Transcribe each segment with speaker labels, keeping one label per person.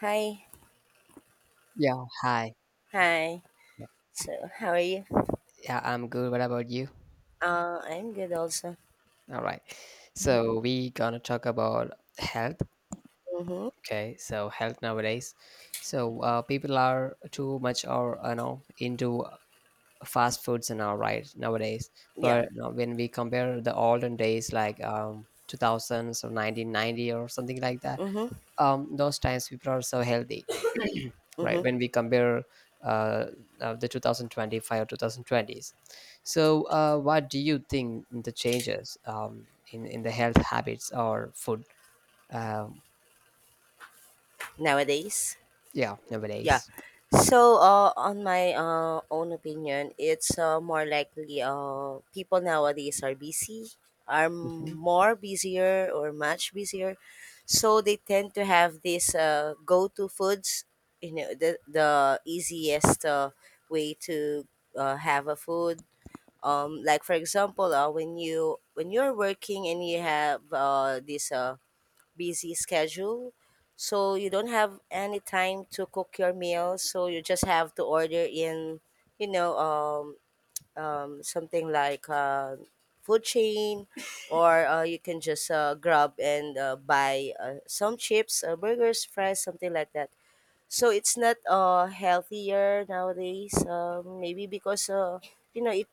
Speaker 1: Hi,
Speaker 2: Yeah, hi.
Speaker 1: hi. So, how are you?
Speaker 2: Yeah, I'm good. What about you?
Speaker 1: I'm good also.
Speaker 2: All right. So we gonna talk about health.
Speaker 1: Mm-hmm.
Speaker 2: Okay. So health nowadays. So people are too much or into fast foods and all right nowadays.
Speaker 1: Yeah.
Speaker 2: But when we compare the olden days, like 2000s or 1990 or something like that,
Speaker 1: Mm-hmm.
Speaker 2: those times people are so healthy right
Speaker 1: Mm-hmm.
Speaker 2: when we compare uh, the 2025 or 2020s. So what do you think the changes, in, the health habits or food, um,
Speaker 1: Nowadays,
Speaker 2: yeah,
Speaker 1: yeah.
Speaker 2: nowadays.
Speaker 1: So, on my own opinion, it's more likely people nowadays are busy, are
Speaker 2: Mhm.
Speaker 1: more busier or much busier, so they tend to have this go-to foods. You know, the easiest way to have a food like for example when you when you're working and you have this busy schedule, so you don't have any time to cook your meals, so you just have to order in, you know um, something like food chain, or you can just grab and buy some chips, burgers, fries, something like that. So it's not healthier nowadays. Maybe because uh, you know.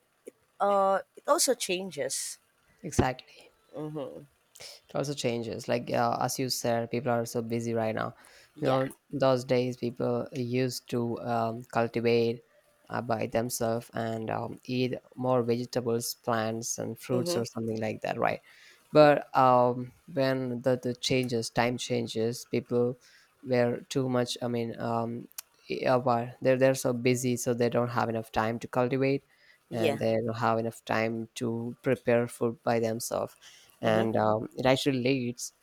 Speaker 1: It also changes.
Speaker 2: Exactly,
Speaker 1: Mm-hmm.
Speaker 2: also changes, like as you said, people are so busy right now.
Speaker 1: Yeah.
Speaker 2: Those days people used to cultivate by themselves, and eat more vegetables, plants, and fruits or
Speaker 1: Mm-hmm.
Speaker 2: something like that, right? But when the changes, time changes people were too much, I mean, yeah, well, they're so busy, so they don't have enough time to cultivate, and
Speaker 1: Yeah.
Speaker 2: they don't have enough time to prepare food by themselves.
Speaker 1: Mm-hmm.
Speaker 2: And it actually leads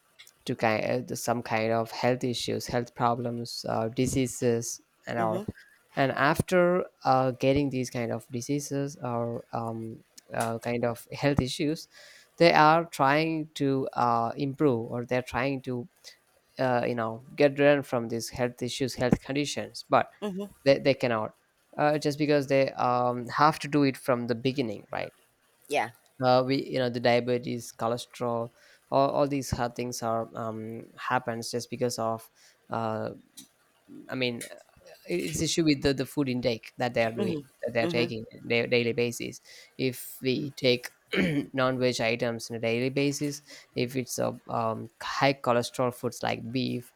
Speaker 2: to kind to some kind of health issues, health problems, diseases, and
Speaker 1: Mm-hmm.
Speaker 2: all. And after getting these kind of diseases or, kind of health issues, they are trying to improve, or they're trying to get rid from these health issues, health conditions, but
Speaker 1: Mm-hmm.
Speaker 2: they cannot. Just because they have to do it from the beginning, right?
Speaker 1: Yeah.
Speaker 2: We you know The diabetes, cholesterol, all these hard things are, happens just because of, uh, I mean it's issue with the food intake that they are
Speaker 1: Mm-hmm.
Speaker 2: doing, that they are
Speaker 1: Mm-hmm.
Speaker 2: taking on a daily basis. If we take non-veg items on a daily basis, if it's a, high cholesterol foods like beef,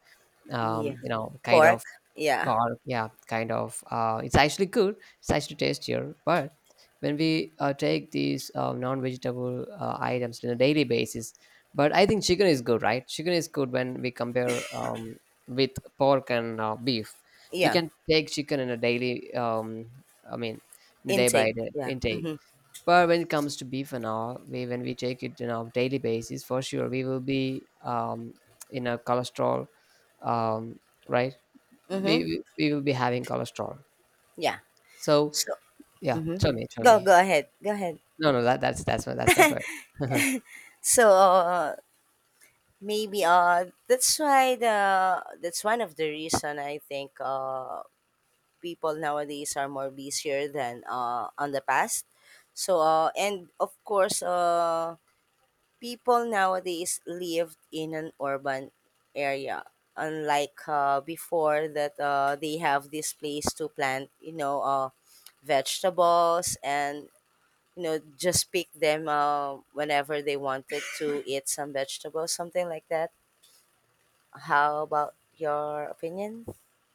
Speaker 1: Yeah.
Speaker 2: kind
Speaker 1: Pork.
Speaker 2: of.
Speaker 1: Yeah.
Speaker 2: Or yeah, kind of. It's actually good. It's actually tastier. But when we take these non-vegetable items on a daily basis, but I think chicken is good, right? Chicken is good when we compare, with pork and beef. We
Speaker 1: Yeah.
Speaker 2: can take chicken in a daily. I mean, in a day by
Speaker 1: Intake.
Speaker 2: day
Speaker 1: Yeah.
Speaker 2: intake.
Speaker 1: Mm-hmm.
Speaker 2: But when it comes to beef and all, we when we take it in our daily basis, for sure we will be, in a cholesterol, um, right? we
Speaker 1: Mm-hmm.
Speaker 2: we we will be having cholesterol.
Speaker 1: Yeah.
Speaker 2: So
Speaker 1: So.
Speaker 2: yeah,
Speaker 1: Mm-hmm.
Speaker 2: tell me, tell
Speaker 1: Go.
Speaker 2: me.
Speaker 1: Go ahead. Go ahead.
Speaker 2: No, no, that's my part.
Speaker 1: So maybe that's why the that's one of the reason I think people nowadays are more busier than on the past. So and of course people nowadays live in an urban area, unlike before, that they have this place to plant, you know, vegetables, and you know, just pick them whenever they wanted to eat some vegetables, something like that. How about your opinion?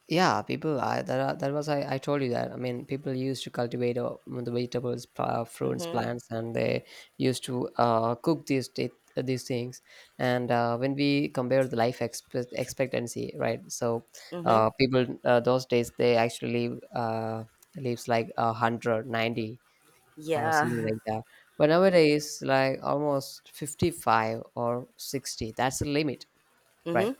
Speaker 2: Yeah, people. I told you that. I mean, people used to cultivate the vegetables, fruits,
Speaker 1: Mm-hmm.
Speaker 2: plants, and they used to cook these things. And when we compare the life expectancy, right? So
Speaker 1: Mm-hmm.
Speaker 2: people, those days, they actually lives like 190, something
Speaker 1: Yeah.
Speaker 2: like that. But nowadays, like almost 55 or 60, that's the limit, right?
Speaker 1: Mm-hmm.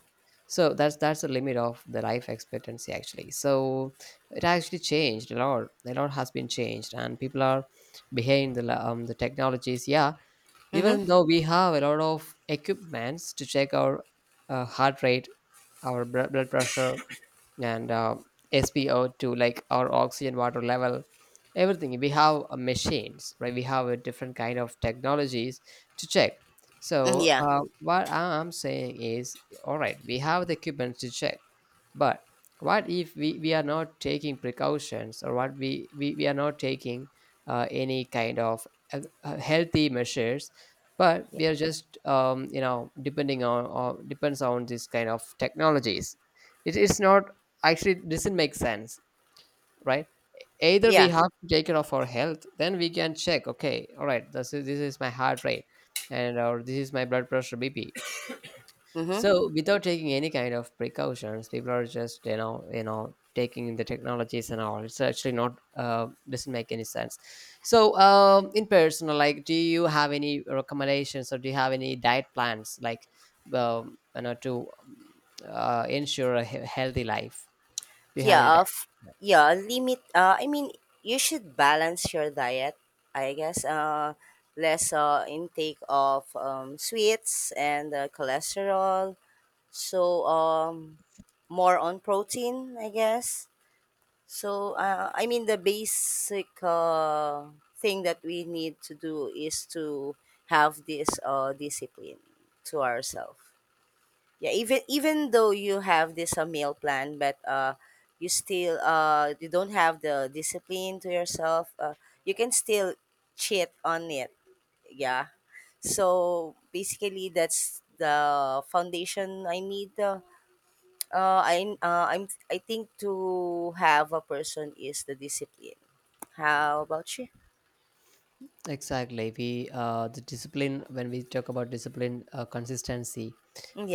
Speaker 2: So that's the limit of the life expectancy, actually. So it actually changed a lot. A lot has been changed, and people are behind the technologies. Yeah, even
Speaker 1: Mm-hmm.
Speaker 2: though we have a lot of equipments to check our heart rate, our blood pressure, and SpO2, like our oxygen water level, everything. We have machines, right? We have a different kind of technologies to check. So
Speaker 1: Yeah.
Speaker 2: what am saying is, all right, we have the equipment to check, but what if we are not taking precautions, or what we are not taking any kind of healthy measures, but we
Speaker 1: Yeah.
Speaker 2: are just depending on, or depends on this kind of technologies. It is not, actually it doesn't make sense, right? Either we
Speaker 1: Yeah.
Speaker 2: have to take care of our health, then we can check, okay, all right, this is my heart rate, and or this is my blood pressure, BP.
Speaker 1: Mm-hmm.
Speaker 2: So without taking any kind of precautions, people are just taking the technologies and all. It's actually not, doesn't make any sense. So in personal, like, do you have any recommendations, or do you have any diet plans, like, to ensure a healthy life? Do you have any
Speaker 1: Yeah.
Speaker 2: diet?
Speaker 1: of
Speaker 2: Yeah.
Speaker 1: Yeah, limit, I mean, you should balance your diet, I guess. Less intake of sweets and cholesterol, so more on protein, I guess. So I mean, the basic thing that we need to do is to have this discipline to ourselves. Yeah, even though you have this a meal plan, but you still you don't have the discipline to yourself. You can still cheat on it. Yeah. So basically, that's the foundation I need. I I think to have a person is the discipline. How about you?
Speaker 2: Exactly. We The discipline, when we talk about discipline, consistency.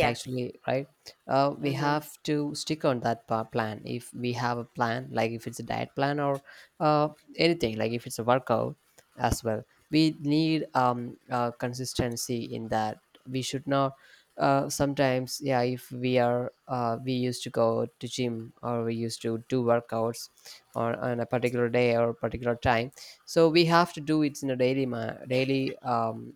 Speaker 2: It actually right, we
Speaker 1: Mm-hmm.
Speaker 2: have to stick on that plan, if we have a plan, like if it's a diet plan, or uh, anything, like if it's a workout as well, we need consistency in that. We should not, sometimes, yeah, if we used to go to gym, or we used to do workouts on a particular day or particular time. So we have to do it in a daily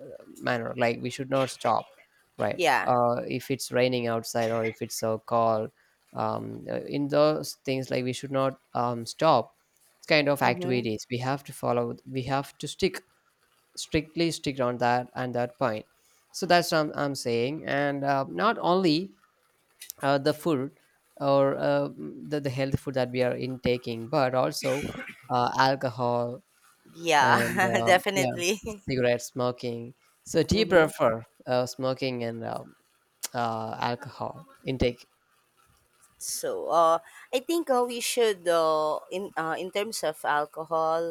Speaker 2: uh, manner, like we should not stop, right?
Speaker 1: Yeah.
Speaker 2: If it's raining outside, or if it's so cold, in those things, like we should not stop kind of
Speaker 1: Mm-hmm.
Speaker 2: activities. We have to follow, we have to stick strictly stick on that and that point. So that's what I'm saying. And not only the food, or the health food that we are intaking, but also alcohol, and
Speaker 1: Yeah.
Speaker 2: yeah,
Speaker 1: Definitely.
Speaker 2: cigarette smoking. So do you
Speaker 1: Mm-hmm.
Speaker 2: prefer smoking, and alcohol intake.
Speaker 1: So, I think we should, in terms of alcohol,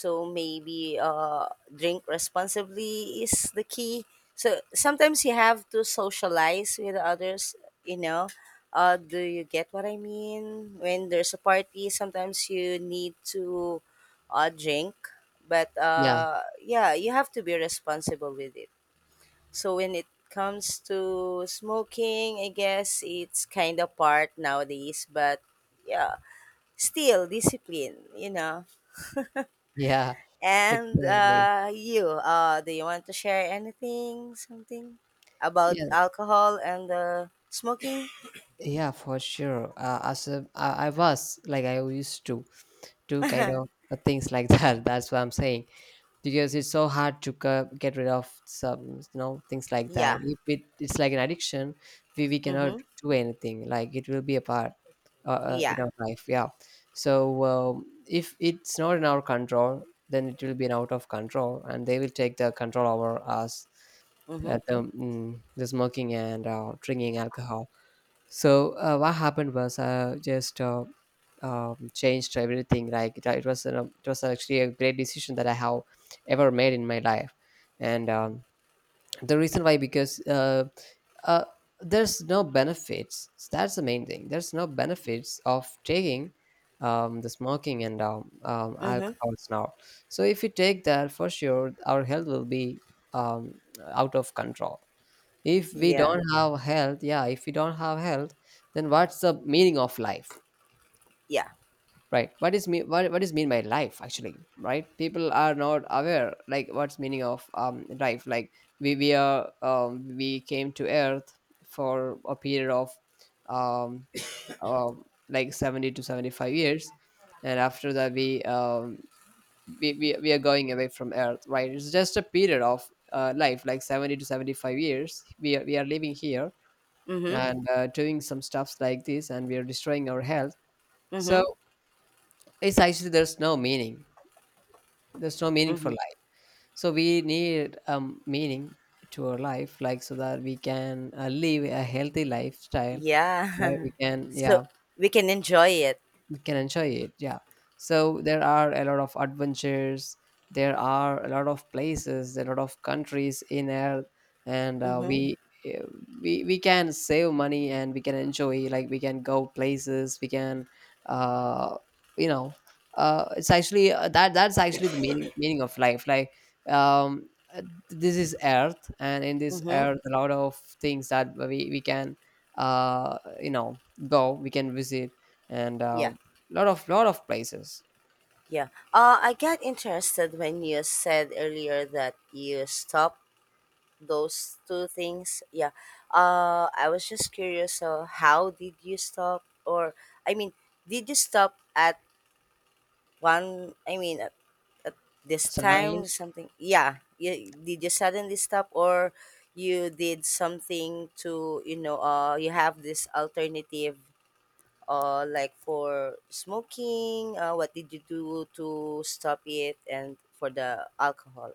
Speaker 1: so maybe drink responsibly is the key. So sometimes you have to socialize with others. You know, do you get what I mean? When there's a party, sometimes you need to drink, but
Speaker 2: Yeah,
Speaker 1: yeah, you have to be responsible with it. So when it comes to smoking, I guess it's kind of part nowadays, but yeah, still discipline, you know.
Speaker 2: yeah,
Speaker 1: And
Speaker 2: exactly.
Speaker 1: you, do you want to share anything, something about
Speaker 2: Yeah,
Speaker 1: alcohol and smoking?
Speaker 2: yeah, for sure. As I was, like I used to do kind of things like that. That's what I'm saying, because it's so hard to get rid of some things like that.
Speaker 1: Yeah.
Speaker 2: If it's like an addiction, we cannot
Speaker 1: Mm-hmm.
Speaker 2: do anything, like it will be a part, in
Speaker 1: Yeah.
Speaker 2: our life, yeah. So if it's not in our control, then it will be an out of control, and they will take the control over us
Speaker 1: Mm-hmm.
Speaker 2: at the smoking and drinking alcohol. So what happened was, I just changed everything. Like it was it was actually a great decision that I have ever made in my life, and the reason why, because uh, there's no benefits. That's the main thing. There's no benefits of taking the smoking and
Speaker 1: Mm-hmm.
Speaker 2: alcohols now. So if you take that, for sure, our health will be, um, out of control. If we
Speaker 1: Yeah.
Speaker 2: don't have health, yeah, if we don't have health, then what's the meaning of life,
Speaker 1: Yeah.
Speaker 2: right? What is mean by life, actually, right? People are not aware, like, what's meaning of life, like we came to earth for a period of, um uh, like 70 to 75 years, and after that we are going away from earth, right? It's just a period of life, like 70 to 75 years we are, living here,
Speaker 1: Mm-hmm.
Speaker 2: and doing some stuffs like this, and we are destroying our health. So
Speaker 1: Mm-hmm.
Speaker 2: it's actually, there's no meaning, there's no meaning for
Speaker 1: Mm-hmm.
Speaker 2: life. So we need, meaning to our life, like, so that we can live a healthy lifestyle, right?
Speaker 1: Yeah.
Speaker 2: We can,
Speaker 1: So
Speaker 2: yeah,
Speaker 1: we can enjoy it.
Speaker 2: can enjoy it, yeah. So there are a lot of adventures, there are a lot of places, a lot of countries in air, and
Speaker 1: Mm-hmm.
Speaker 2: we eh, we can save money, and we can enjoy, like we can go places, we can, uh you know it's actually, that's actually the meaning, of life, like, um uh, this is earth, and in this
Speaker 1: Mm-hmm.
Speaker 2: earth a lot of things that we can, uh you know go, we can visit, and
Speaker 1: Yeah.
Speaker 2: lot of places.
Speaker 1: Yeah. I got interested when you said earlier that you stopped those two things. Yeah. I was just curious. So, how did you stop? Or, I mean, did you stop at one? I mean, at this
Speaker 2: Suddenly,
Speaker 1: time, something. Yeah. You, did you suddenly stop, or you did something to, you know, you have this alternative like for smoking? What did you do to stop it? And for the alcohol?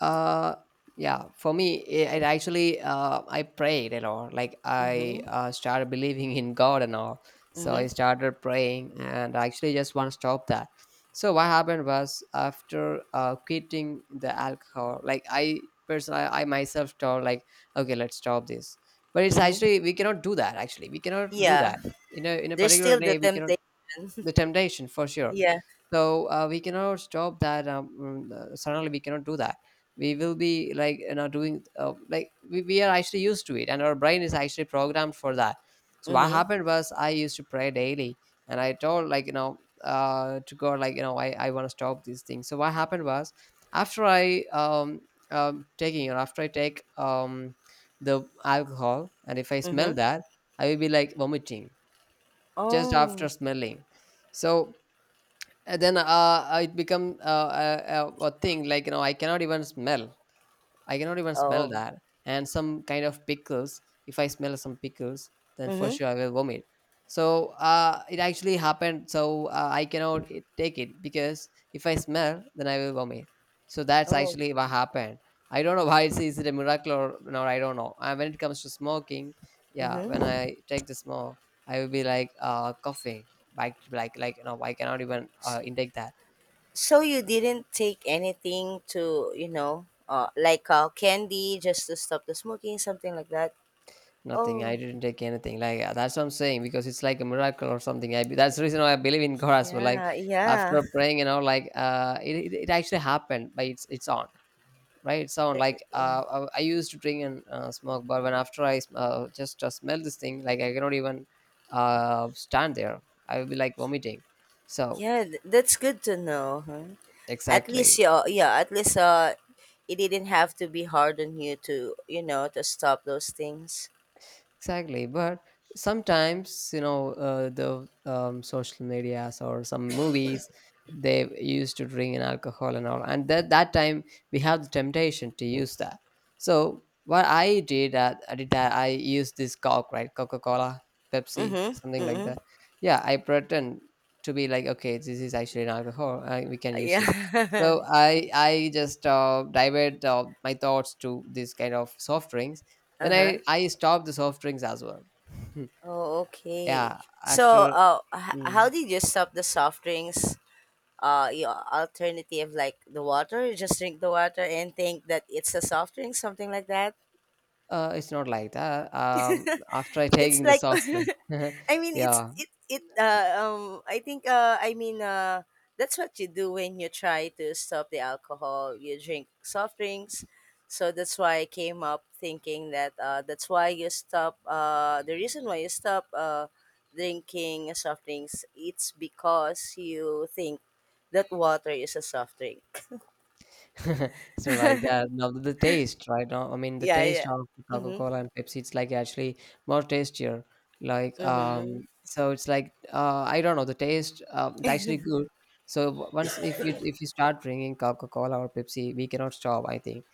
Speaker 2: uh yeah, for me it actually, I prayed a lot. Like I
Speaker 1: Mm-hmm.
Speaker 2: started believing in God and all, so I
Speaker 1: Mm-hmm.
Speaker 2: started praying, and I actually just want to stop that. So what happened was, after quitting the alcohol, like I myself told, like, okay, let's stop this. But it's
Speaker 1: Mm-hmm.
Speaker 2: actually, we cannot do that, actually we cannot do
Speaker 1: Yeah.
Speaker 2: that. In a
Speaker 1: There's
Speaker 2: particular
Speaker 1: still the
Speaker 2: day we cannot.
Speaker 1: temptation.
Speaker 2: The temptation, for sure.
Speaker 1: Yeah.
Speaker 2: So we cannot stop that, suddenly we cannot do that. We will be like, doing, like we are actually used to it, and our brain is actually programmed for that. So what
Speaker 1: Mm-hmm.
Speaker 2: happened was, I used to pray daily, and I told, like, to God, like, I want to stop these things. So what happened was, after i um, after I take the alcohol, and if I smell
Speaker 1: Mm-hmm.
Speaker 2: that, I will be like vomiting, just after
Speaker 1: Oh.
Speaker 2: smelling. So then, it become, a thing, like I cannot even smell, I cannot even smell
Speaker 1: Oh.
Speaker 2: that. And some kind of pickles, if I smell some pickles, then for
Speaker 1: Mm-hmm.
Speaker 2: sure I will vomit. So it actually happened. So I cannot take it, because if I smell, then I will vomit. So that's
Speaker 1: Oh.
Speaker 2: actually what happened. I don't know why, it's is it a miracle or not. I don't know. And when it comes to smoking, yeah, when
Speaker 1: Mm-hmm.
Speaker 2: I take the smoke, I will be like, coughing, like, I cannot even intake that.
Speaker 1: So you didn't take anything to, you know, like candy, just to stop the smoking, something like that?
Speaker 2: Nothing, I
Speaker 1: Oh.
Speaker 2: didn't take anything. Like, that's what I'm saying, because it's like a miracle or something. That's the reason why I believe in God as well. Like,
Speaker 1: Yeah. Yeah.
Speaker 2: after praying, like it actually happened by its own, right? It's on.
Speaker 1: Th-
Speaker 2: Like I used to drink and smoke, but when after I sm- just smell this thing, like I cannot even stand there. I will be like vomiting. So
Speaker 1: Yeah, that's good to know. Huh? At least
Speaker 2: exactly.
Speaker 1: yeah, yeah, at least it didn't have to be hard on you to, you know, to stop those things.
Speaker 2: Exactly, but sometimes, the, social medias or some movies, they used to drink in alcohol and all, and that time we have the temptation to use that. So what I did, at I did that I used this Coke, right? Coca Cola, Pepsi,
Speaker 1: Mhm.
Speaker 2: something like
Speaker 1: Mhm.
Speaker 2: that. Yeah, I pretend to be like, okay, this is actually an alcohol, we can use it.
Speaker 1: Yeah.
Speaker 2: So I just divert my thoughts to this kind of soft drinks, then
Speaker 1: Uh-huh.
Speaker 2: I stopped the soft drinks as well.
Speaker 1: Oh, okay.
Speaker 2: Yeah,
Speaker 1: So,
Speaker 2: after
Speaker 1: how
Speaker 2: mm,
Speaker 1: did you stop the soft drinks? Your alternative, like the water, you just drink the water and think that it's a soft drink, something like that?
Speaker 2: it's not like that. After I
Speaker 1: It's
Speaker 2: taking the
Speaker 1: like
Speaker 2: soft drink,
Speaker 1: I mean, it's
Speaker 2: yeah,
Speaker 1: it it I think I mean, that's what you do when you try to stop the alcohol, you drink soft drinks, so that's why I came up thinking that that's why you stop, the reason why you stop drinking soft drinks, it's because you think that water is a soft drink.
Speaker 2: it's not like that. Now the taste, right? Now, I mean, the
Speaker 1: Yeah,
Speaker 2: taste
Speaker 1: yeah.
Speaker 2: of Coca
Speaker 1: Mhm.
Speaker 2: Cola and Pepsi, it's like actually more tastier. Like,
Speaker 1: Mhm.
Speaker 2: so it's like, I don't know the taste. It's actually good. So once, if you start drinking Coca Cola or Pepsi, we cannot stop, I think.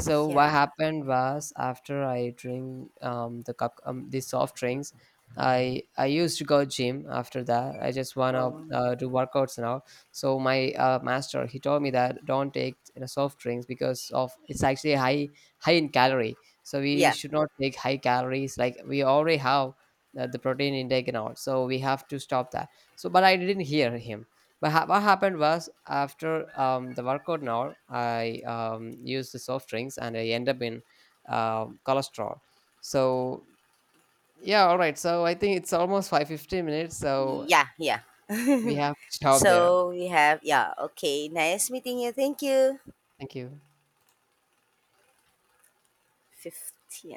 Speaker 2: So what
Speaker 1: Yeah.
Speaker 2: happened was, after I drink the soft drinks, I used to go gym after that. I just wanna
Speaker 1: Oh.
Speaker 2: do workouts now. So my master, he told me that don't take, soft drinks, because of it's actually high in calorie. So we
Speaker 1: Yeah.
Speaker 2: should not take high calories. Like we already have the protein intake and all. So we have to stop that. So but I didn't hear him. But what happened was, after the workout now, I used the soft drinks and I end up in cholesterol. So yeah, all right. So I think it's almost 550 minutes. So
Speaker 1: Yeah, yeah.
Speaker 2: we have to stop there.
Speaker 1: So we have, yeah, okay. Nice meeting you. Thank you.
Speaker 2: Thank you.
Speaker 1: 15.